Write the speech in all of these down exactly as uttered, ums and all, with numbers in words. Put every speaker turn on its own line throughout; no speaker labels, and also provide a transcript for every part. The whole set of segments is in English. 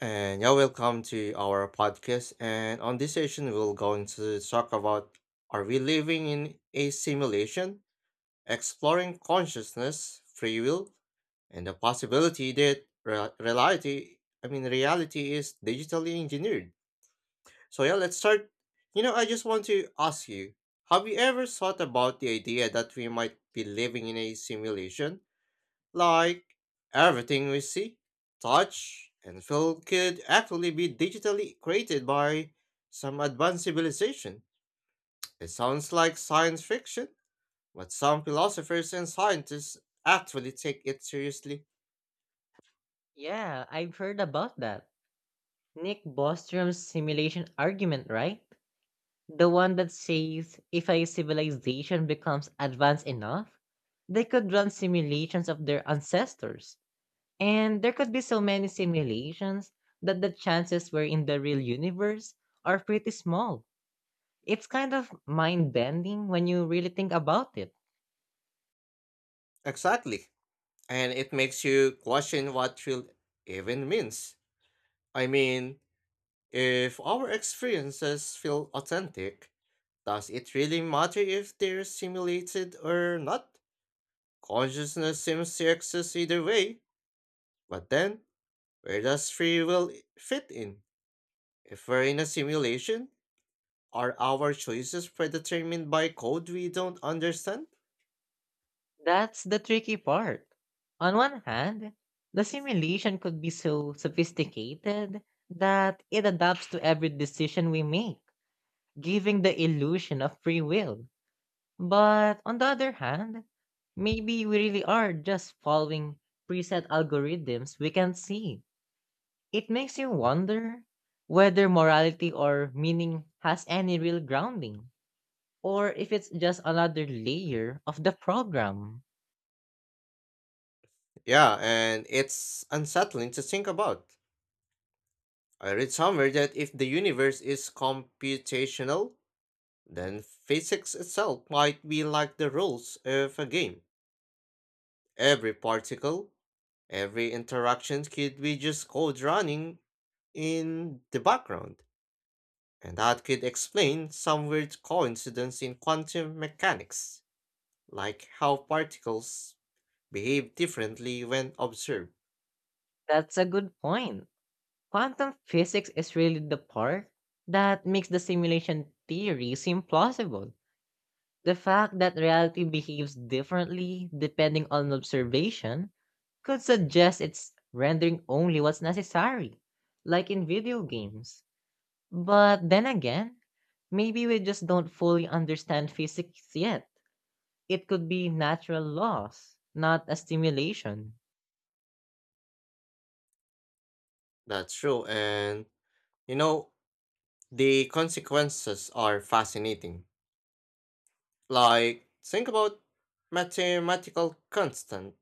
And yeah, welcome to our podcast. And on this session, we're going to talk about are we living in a simulation, exploring consciousness, free will, and the possibility that re- reality, I mean, reality is digitally engineered. So yeah, let's start. You know, I just want to ask you, have you ever thought about the idea that we might be living in a simulation? Like everything we see, touch, and feel could actually be digitally created by some advanced civilization. It sounds like science fiction, but some philosophers and scientists actually take it seriously.
Yeah, I've heard about that. Nick Bostrom's simulation argument, right? The one that says if a civilization becomes advanced enough, they could run simulations of their ancestors. And there could be so many simulations that the chances we're in the real universe are pretty small. It's kind of mind bending when you really think about it.
Exactly. And it makes you question what thrill even means. I mean, if our experiences feel authentic, does it really matter if they're simulated or not? Consciousness seems to exist either way, but then, where does free will i- fit in? If we're in a simulation, are our choices predetermined by code we don't understand?
That's the tricky part. On one hand, the simulation could be so sophisticated that it adapts to every decision we make, giving the illusion of free will. But on the other hand, maybe we really are just following preset algorithms we can see. It makes you wonder whether morality or meaning has any real grounding, or if it's just another layer of the program.
Yeah, and it's unsettling to think about. I read somewhere that if the universe is computational, then physics itself might be like the rules of a game. Every particle, every interaction could be just code running in the background. And that could explain some weird coincidence in quantum mechanics, like how particles behave differently when observed.
That's a good point. Quantum physics is really the part that makes the simulation theory seem plausible. The fact that reality behaves differently depending on observation could suggest it's rendering only what's necessary, like in video games. But then again, maybe we just don't fully understand physics yet. It could be natural laws, not a simulation.
That's true, and you know, the consequences are fascinating. Like, think about mathematical constant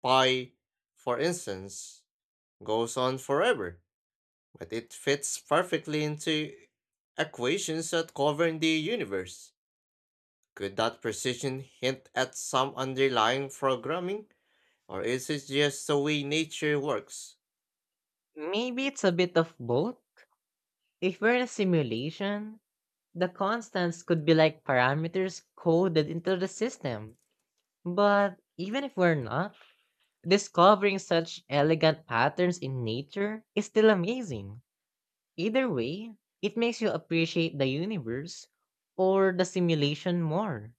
pi, for instance, goes on forever, but it fits perfectly into equations that govern the universe. Could that precision hint at some underlying programming, or is it just the way nature works?
Maybe it's a bit of both. If we're in a simulation, the constants could be like parameters coded into the system. But even if we're not, discovering such elegant patterns in nature is still amazing. Either way, it makes you appreciate the universe or the simulation more.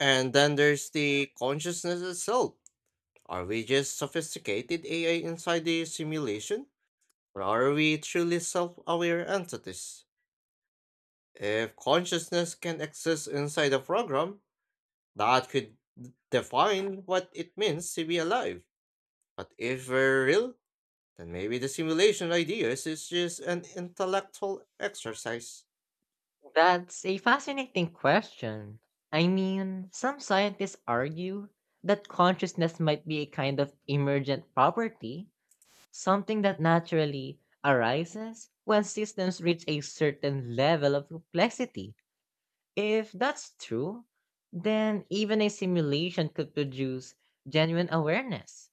And then there's the consciousness itself. Are we just sophisticated A I inside the simulation, or are we truly self aware entities? If consciousness can exist inside a program, that could d- define what it means to be alive. But if we're real, then maybe the simulation ideas is just an intellectual exercise.
That's a fascinating question. I mean, some scientists argue that consciousness might be a kind of emergent property, something that naturally arises when systems reach a certain level of complexity. If that's true, then even a simulation could produce genuine awareness.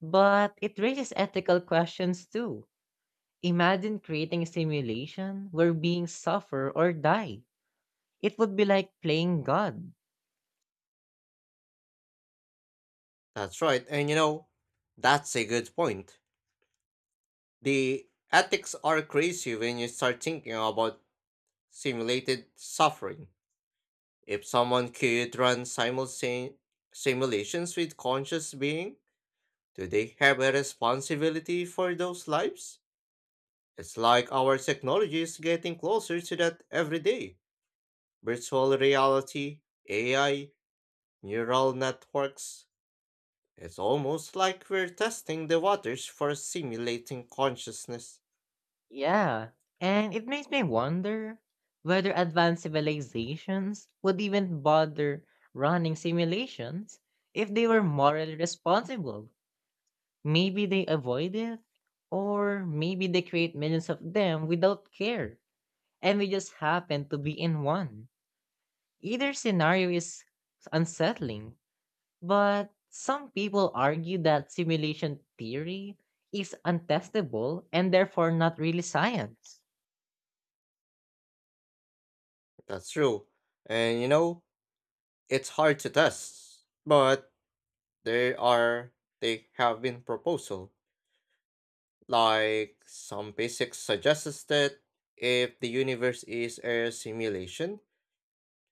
But it raises ethical questions too. Imagine creating a simulation where beings suffer or die. It would be like playing God.
That's right. And you know, that's a good point. The ethics are crazy when you start thinking about simulated suffering. If someone could run simultan- simulations with conscious being, do they have a responsibility for those lives? It's like our technology is getting closer to that every day. Virtual reality, A I, neural networks. It's almost like we're testing the waters for simulating consciousness.
Yeah, and it makes me wonder whether advanced civilizations would even bother running simulations if they were morally responsible. Maybe they avoid it, or maybe they create millions of them without care, and we just happen to be in one. Either scenario is unsettling, but some people argue that simulation theory is untestable and therefore not really science.
That's true. And you know, it's hard to test, but there are they have been proposal. Like some basics suggests that if the universe is a simulation,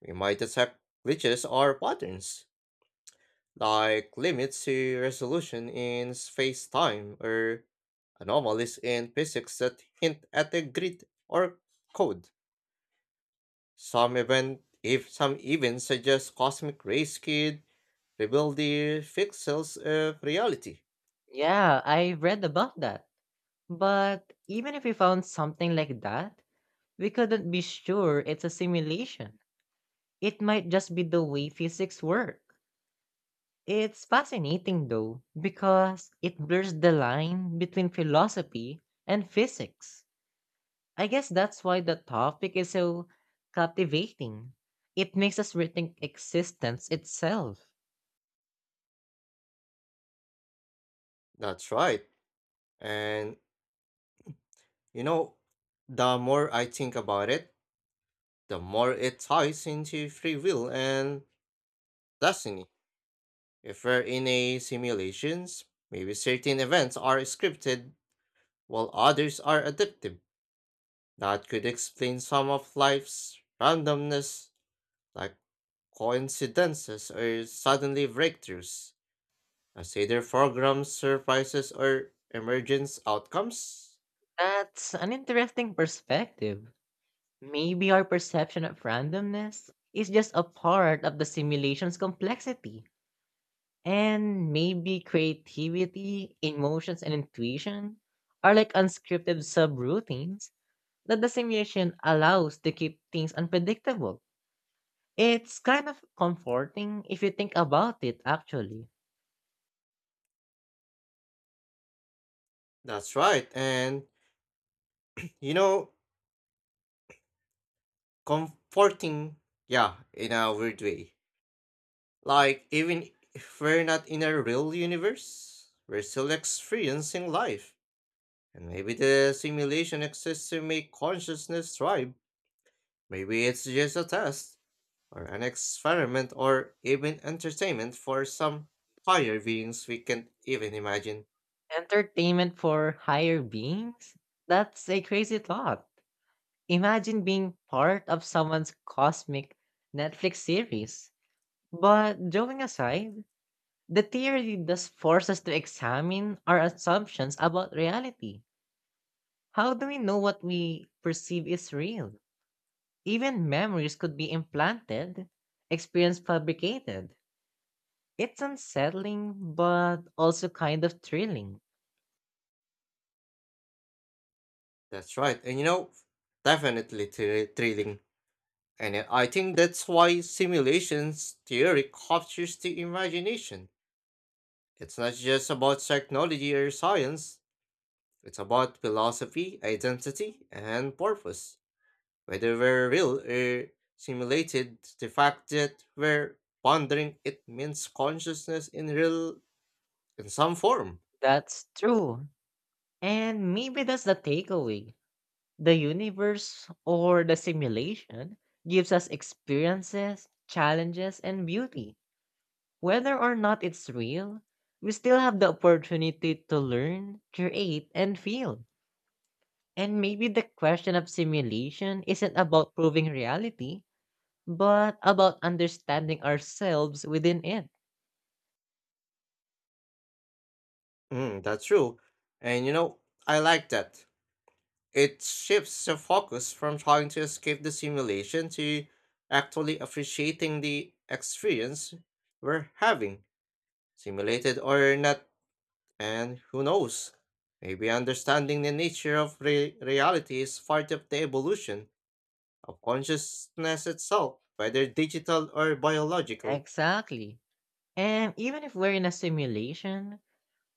we might accept glitches or patterns, like limits to resolution in space-time or anomalies in physics that hint at a grid or code. Some event if some even suggest cosmic ray skid reveal the pixels of reality.
Yeah, I read about that. But even if we found something like that, we couldn't be sure it's a simulation. It might just be the way physics work. It's fascinating though, because it blurs the line between philosophy and physics. I guess that's why the topic is so captivating. It makes us rethink existence itself.
That's right. And you know, the more I think about it, the more it ties into free will and destiny. If we're in a simulations, maybe certain events are scripted while others are adaptive. That could explain some of life's randomness, like coincidences or suddenly breakthroughs. Consider programs, surprises, or emergence outcomes.
That's an interesting perspective. Maybe our perception of randomness is just a part of the simulation's complexity. And maybe creativity, emotions, and intuition are like unscripted subroutines that the simulation allows to keep things unpredictable. It's kind of comforting if you think about it, actually.
That's right. And, you know, comforting, yeah, in a weird way. Like, even if we're not in a real universe, we're still experiencing life. And maybe the simulation exists to make consciousness thrive. Maybe it's just a test, or an experiment, or even entertainment for some higher beings we can't even imagine.
Entertainment for higher beings? That's a crazy thought. Imagine being part of someone's cosmic Netflix series. But joking aside, the theory does force us to examine our assumptions about reality. How do we know what we perceive is real? Even memories could be implanted, experience fabricated. It's unsettling, but also kind of thrilling.
That's right. And you know, definitely thri- thrilling. And I I think that's why simulations theory captures the imagination. It's not just about technology or science, it's about philosophy, identity, and purpose. Whether we're real or simulated, the fact that we're pondering it means consciousness in real in some form.
That's true. And maybe that's the takeaway. The universe or the simulation gives us experiences, challenges, and beauty. Whether or not it's real, we still have the opportunity to learn, create, and feel. And maybe the question of simulation isn't about proving reality, but about understanding ourselves within it.
Mm, that's true. And you know, I like that. It shifts the focus from trying to escape the simulation to actually appreciating the experience we're having, simulated or not, and who knows? Maybe understanding the nature of re- reality is part of the evolution of consciousness itself, whether digital or biological.
Exactly. And even if we're in a simulation,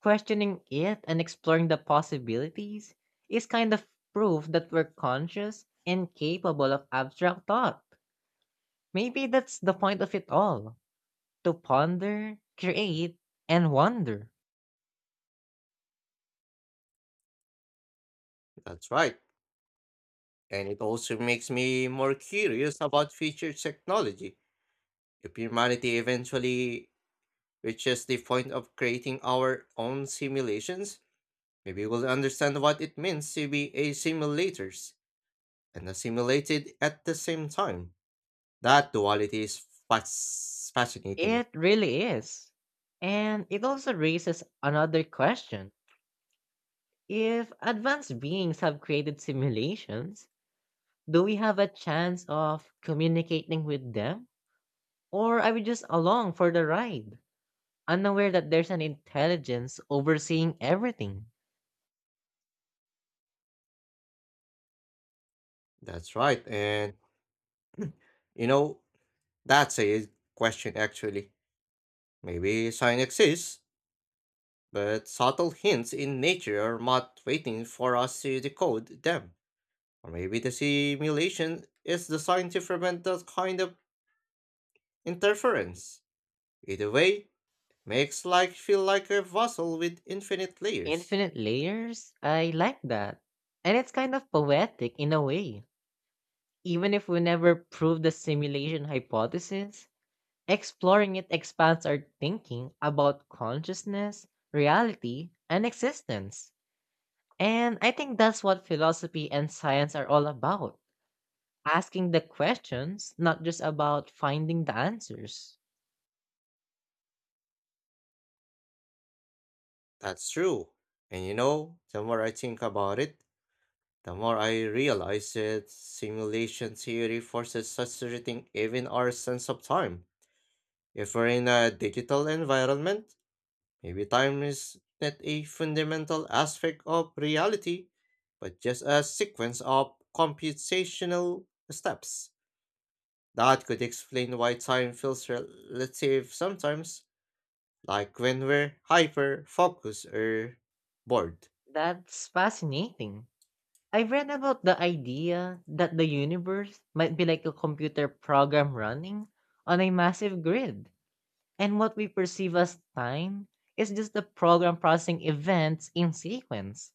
questioning it and exploring the possibilities is kind of proof that we're conscious and capable of abstract thought. Maybe that's the point of it all, to ponder, create, and wonder.
That's right. And it also makes me more curious about future technology. If humanity eventually which is the point of creating our own simulations, maybe we'll understand what it means to be a simulators and a simulated at the same time. That duality is fas- fascinating.
It really is. And it also raises another question. If advanced beings have created simulations, do we have a chance of communicating with them? Or are we just along for the ride, unaware that there's an intelligence overseeing everything?
That's right. And you know, that's a question actually. Maybe science exists, but subtle hints in nature are not waiting for us to decode them. Or maybe the simulation is designed to prevent that kind of interference. Either way, makes like feel like a puzzle with infinite layers.
Infinite layers? I like that. And it's kind of poetic in a way. Even if we never prove the simulation hypothesis, exploring it expands our thinking about consciousness, reality, and existence. And I think that's what philosophy and science are all about, asking the questions, not just about finding the answers.
That's true. And you know, the more I think about it, the more I realize that simulation theory forces us to rethink even our sense of time. If we're in a digital environment, maybe time is not a fundamental aspect of reality, but just a sequence of computational steps. That could explain why time feels relative sometimes like when we're hyper focused or bored.
That's fascinating. I read about the idea that the universe might be like a computer program running on a massive grid, and what we perceive as time is just the program processing events in sequence.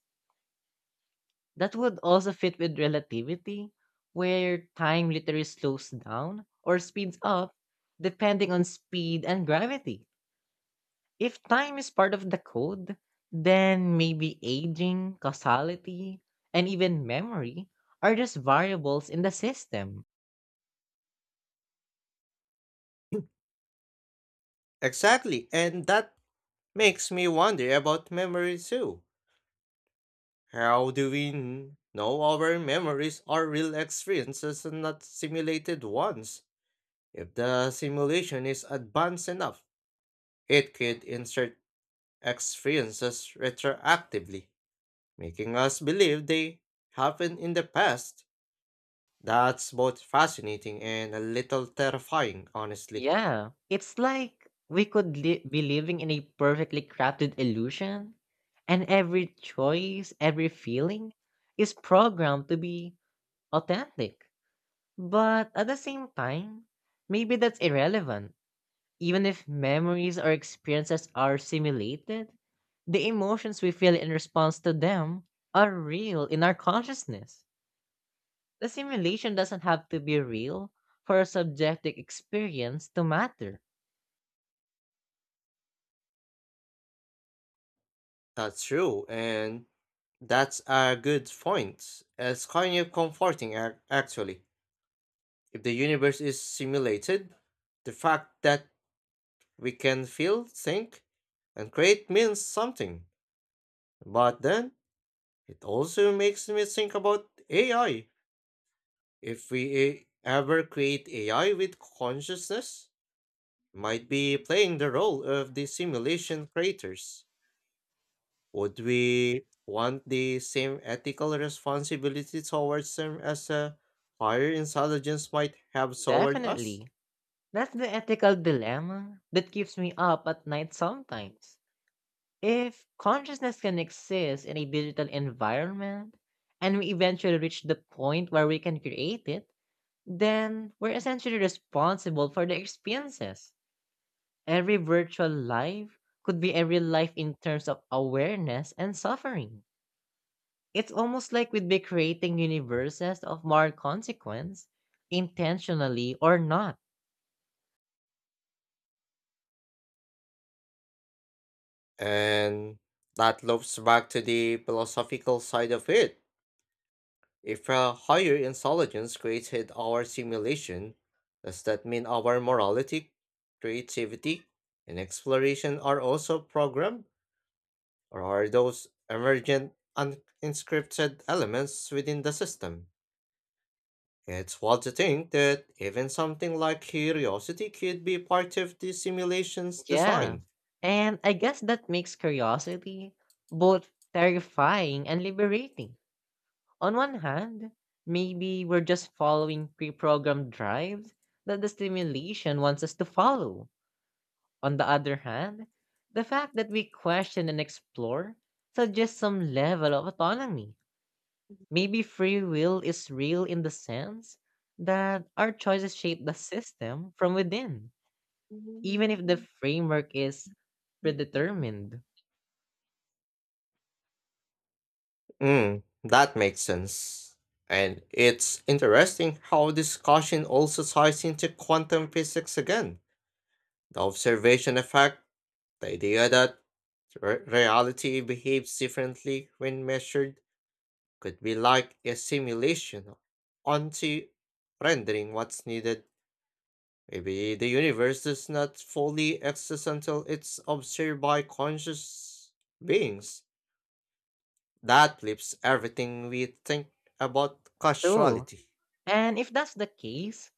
That would also fit with relativity, where time literally slows down or speeds up depending on speed and gravity. If time is part of the code, then maybe aging, causality, and even memory are just variables in the system.
Exactly, and that makes me wonder about memory too. How do we n- know our memories are real experiences and not simulated ones? If the simulation is advanced enough, it could insert experiences retroactively, making us believe they happened in the past. That's both fascinating and a little terrifying, honestly.
Yeah, it's like we could li- be living in a perfectly crafted illusion, and every choice, every feeling is programmed to be authentic. But at the same time, maybe that's irrelevant. Even if memories or experiences are simulated, the emotions we feel in response to them are real in our consciousness. The simulation doesn't have to be real for a subjective experience to matter.
That's true, and that's a good point. It's kind of comforting, ac- actually. If the universe is simulated, the fact that we can feel, think, and create means something. But then, it also makes me think about A I. If we eh, ever create A I with consciousness, might be playing the role of the simulation creators. Would we want the same ethical responsibility towards them as a higher intelligence might have toward us?
Definitely. That's the ethical dilemma that keeps me up at night sometimes. If consciousness can exist in a digital environment, and we eventually reach the point where we can create it, then we're essentially responsible for the experiences. Every virtual life could be a real life in terms of awareness and suffering. It's almost like we'd be creating universes of moral consequence, intentionally or not.
And that loops back to the philosophical side of it. If a higher intelligence created our simulation, does that mean our morality, creativity, and exploration are also programmed? Or are those emergent unscripted elements within the system? It's wild to think that even something like curiosity could be part of the simulation's
Yeah.
design.
And I guess that makes curiosity both terrifying and liberating. On one hand, maybe we're just following pre-programmed drives that the stimulation wants us to follow. On the other hand, the fact that we question and explore suggests some level of autonomy. Maybe free will is real in the sense that our choices shape the system from within, even if the framework is predetermined.
Mm, that makes sense. And it's interesting how discussion also ties into quantum physics again. The observation effect, the idea that re- reality behaves differently when measured could be like a simulation onto rendering what's needed. Maybe the universe does not fully exist until it's observed by conscious beings. That flips everything we think about
True.
causality.
And if that's the case,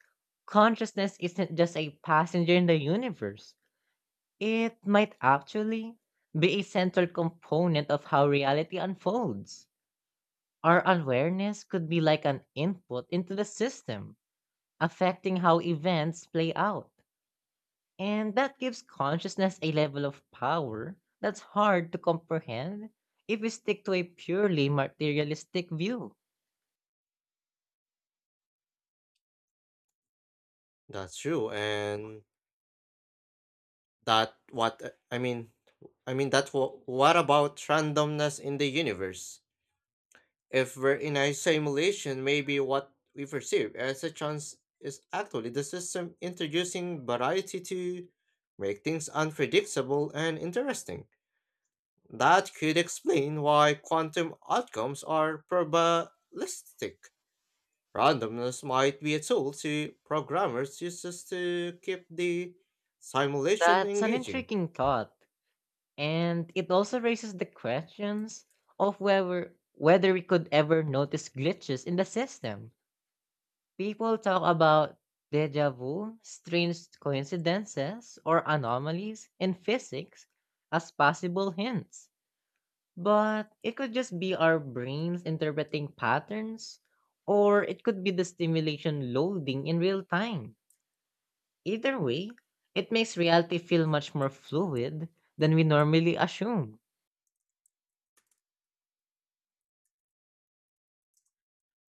consciousness isn't just a passenger in the universe. It might actually be a central component of how reality unfolds. Our awareness could be like an input into the system, affecting how events play out. And that gives consciousness a level of power that's hard to comprehend if we stick to a purely materialistic view.
That's true, and that what I mean. I mean that what, what about randomness in the universe? If we're in a simulation, maybe what we perceive as a chance is actually the system introducing variety to make things unpredictable and interesting. That could explain why quantum outcomes are probabilistic. Randomness might be a tool to programmers uses to keep the simulation
That's an
engaging.
intriguing thought, and it also raises the questions of whether whether we could ever notice glitches in the system. People talk about deja vu, strange coincidences, or anomalies in physics as possible hints. But it could just be our brains interpreting patterns, or it could be the stimulation loading in real time. Either way, it makes reality feel much more fluid than we normally assume.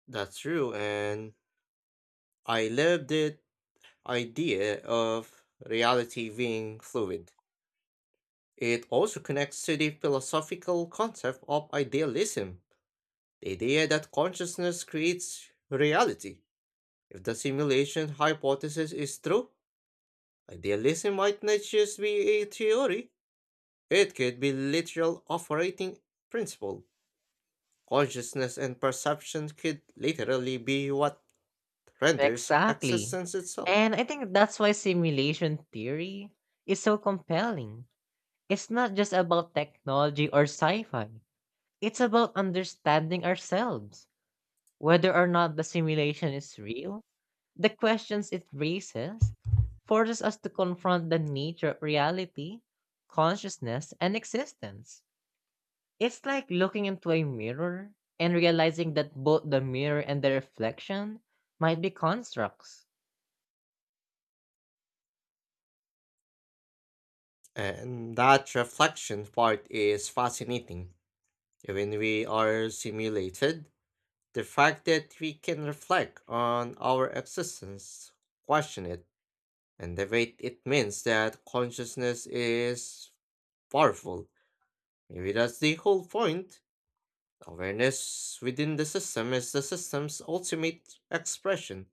That's true, and I love the idea of reality being fluid. It also connects to the philosophical concept of idealism, the idea that consciousness creates reality. If the simulation hypothesis is true, idealism might not just be a theory, it could be literal operating principle. Consciousness and perception could literally be what renders
Exactly.
existence itself.
And I think that's why simulation theory is so compelling. It's not just about technology or sci fi, it's about understanding ourselves. Whether or not the simulation is real, the questions it raises forces us to confront the nature of reality, consciousness, and existence. It's like looking into a mirror and realizing that both the mirror and the reflection might be constructs.
And that reflection part is fascinating. Even we are simulated, the fact that we can reflect on our existence, question it, and debate it means that consciousness is powerful. Maybe that's the whole point. Awareness within the system is the system's ultimate expression.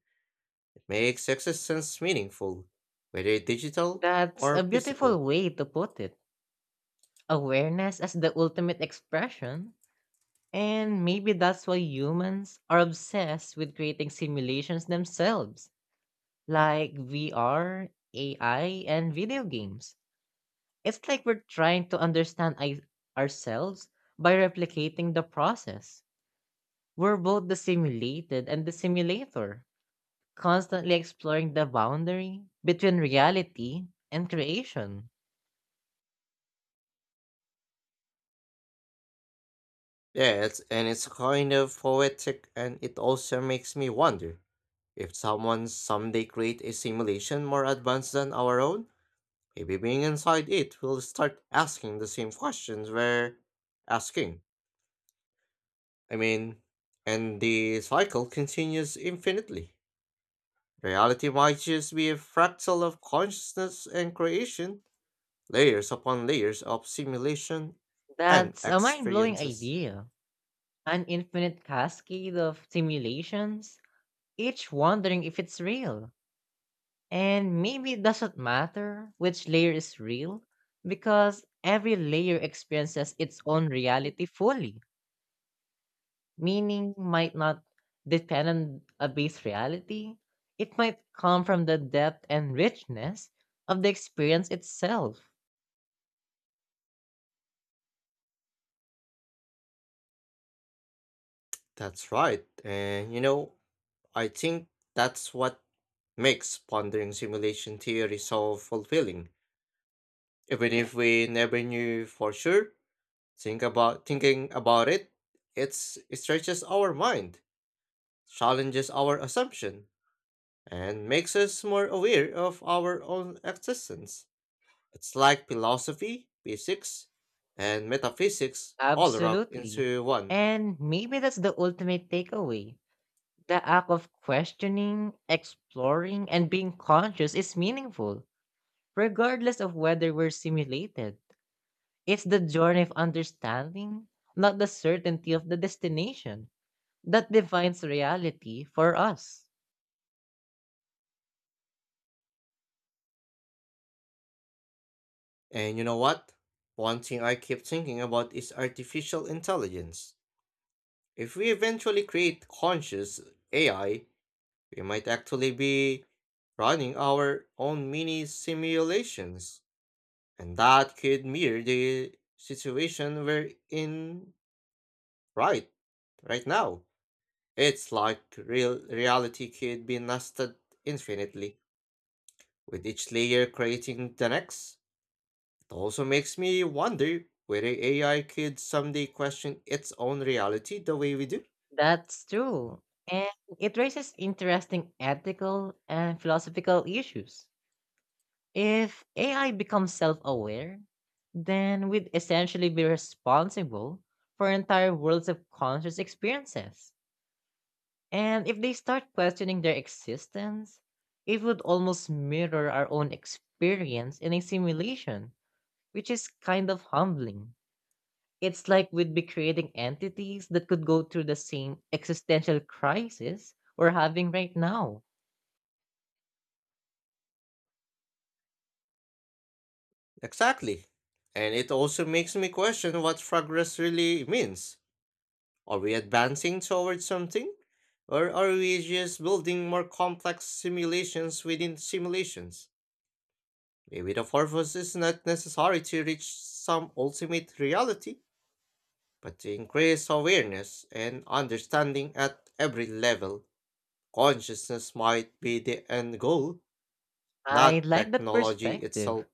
It makes existence meaningful, whether digital
That's a
or
beautiful
physical.
way to put it. Awareness as the ultimate expression. And maybe that's why humans are obsessed with creating simulations themselves, like V R, A I, and video games. It's like we're trying to understand I- ourselves by replicating the process. We're both the simulated and the simulator, constantly exploring the boundary between reality and creation.
Yes, and it's kind of poetic, and it also makes me wonder if someone someday create a simulation more advanced than our own. Maybe being inside it will start asking the same questions we're asking. I mean, and the cycle continues infinitely. Reality might just be a fractal of consciousness and creation, layers upon layers of simulation and
That's a mind blowing
experiences.
idea. An infinite cascade of simulations, each wondering if it's real. And maybe it doesn't matter which layer is real because every layer experiences its own reality fully. Meaning might not depend on a base reality, it might come from the depth and richness of the experience itself.
That's right, and you know, I think that's what makes pondering simulation theory so fulfilling. Even if we never knew for sure, think about thinking about it, it's, it stretches our mind, challenges our assumption, and makes us more aware of our own existence. It's like philosophy, physics, and metaphysics all wrapped
Absolutely.
into one.
And maybe that's the ultimate takeaway. The act of questioning, exploring, and being conscious is meaningful, regardless of whether we're simulated. It's the journey of understanding, not the certainty of the destination, that defines reality for us.
And you know what? One thing I keep thinking about is artificial intelligence. If we eventually create conscious A I, we might actually be running our own mini simulations. And that could mirror the situation we're in right right now. It's like real reality could be nested infinitely, with each layer creating the next. It also makes me wonder whether A I could someday question its own reality the way we do.
That's true. And it raises interesting ethical and philosophical issues. If A I becomes self aware, then we'd essentially be responsible for entire worlds of conscious experiences. And if they start questioning their existence, it would almost mirror our own experience in a simulation, which is kind of humbling. It's like we'd be creating entities that could go through the same existential crisis we're having right now.
Exactly. And it also makes me question what progress really means. Are we advancing towards something? Or are we just building more complex simulations within simulations? Maybe the purpose is not necessary to reach some ultimate reality, but to increase awareness and understanding at every level. Consciousness might be the end goal,
I
not
like that
technology
perspective.
itself.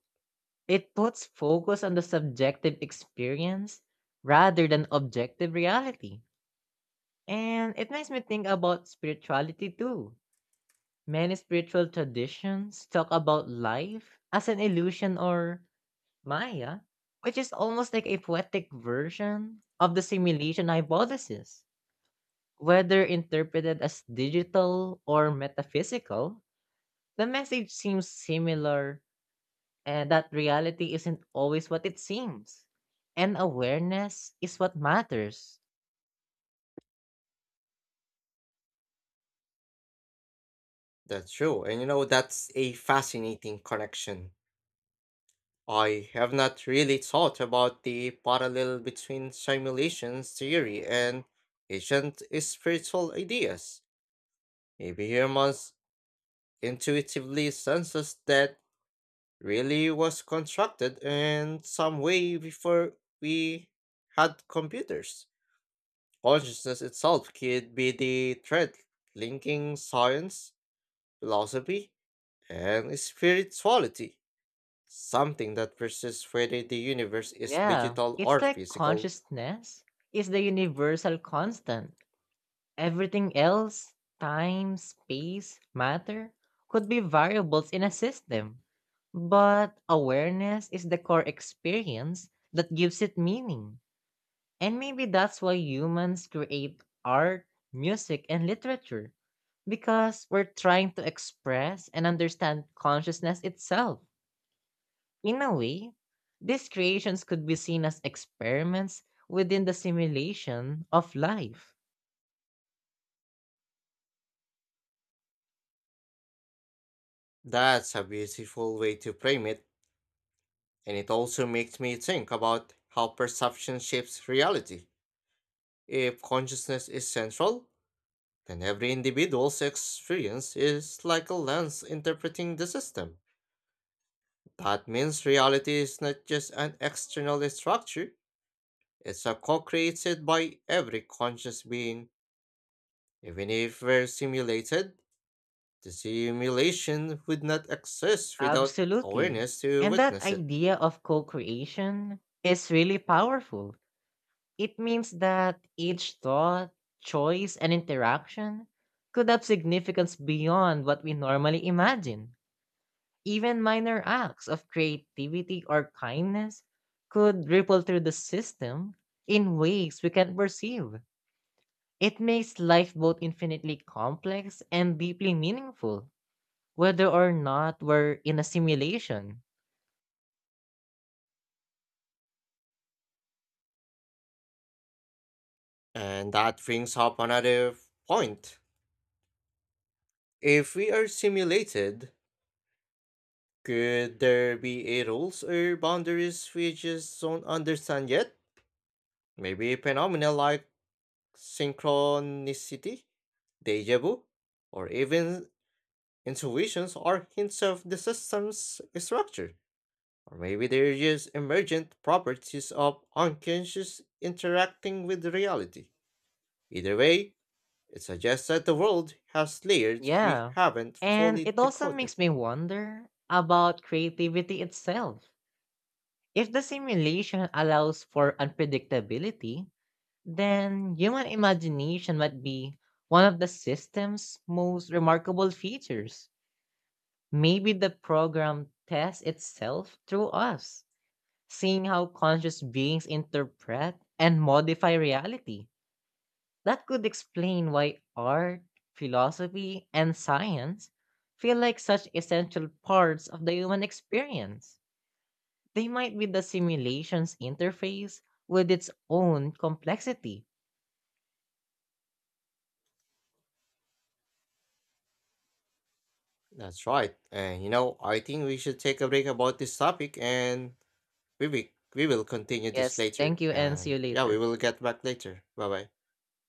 It puts focus on the subjective experience rather than objective reality. And it makes me think about spirituality too. Many spiritual traditions talk about life as an illusion, or Maya, which is almost like a poetic version of the simulation hypothesis. Whether interpreted as digital or metaphysical, the message seems similar, and that reality isn't always what it seems. And awareness is what matters.
That's true. And you know, that's a fascinating connection. I have not really thought about the parallel between simulations theory and ancient spiritual ideas. Maybe humans intuitively senses that really was constructed in some way before we had computers. Consciousness itself could be the thread linking science, philosophy, and spirituality, something that persists whether the universe is
Yeah,
digital
it's
or
like
physical.
consciousness is the universal constant. Everything else, time, space, matter, could be variables in a system. But awareness is the core experience that gives it meaning. And maybe that's why humans create art, music, and literature, because we're trying to express and understand consciousness itself. In a way, these creations could be seen as experiments within the simulation of life.
That's a beautiful way to frame it, and it also makes me think about how perception shapes reality. If consciousness is central, then every individual's experience is like a lens interpreting the system. That means reality is not just an external structure, it's a co created by every conscious being. Even if we're simulated, the simulation would not exist without
Absolutely.
awareness to
And that
witness it.
idea of co creation is really powerful. It means that each thought, choice, and interaction could have significance beyond what we normally imagine. Even minor acts of creativity or kindness could ripple through the system in ways we can't perceive. It makes life both infinitely complex and deeply meaningful, whether or not we're in a simulation.
And that brings up another point. If we are simulated, could there be a rules or boundaries we just don't understand yet? Maybe a phenomenon like synchronicity, deja vu, or even intuitions or hints of the system's structure. Or maybe they're just emergent properties of unconscious interacting with reality. Either way, it suggests that the world has layers we
Yeah.
haven't
And
fully
it also
decoded.
makes me wonder about creativity itself. If the simulation allows for unpredictability, then human imagination might be one of the system's most remarkable features. Maybe the program tests itself through us, seeing how conscious beings interpret and modify reality. That could explain why art, philosophy, and science feel like such essential parts of the human experience. They might be the simulation's interface with its own complexity.
That's right. And you know, I think we should take a break about this topic and we will, we will continue this
Yes, thank
later.
you and see
And
you
yeah, we
later.
will get back later. Bye bye.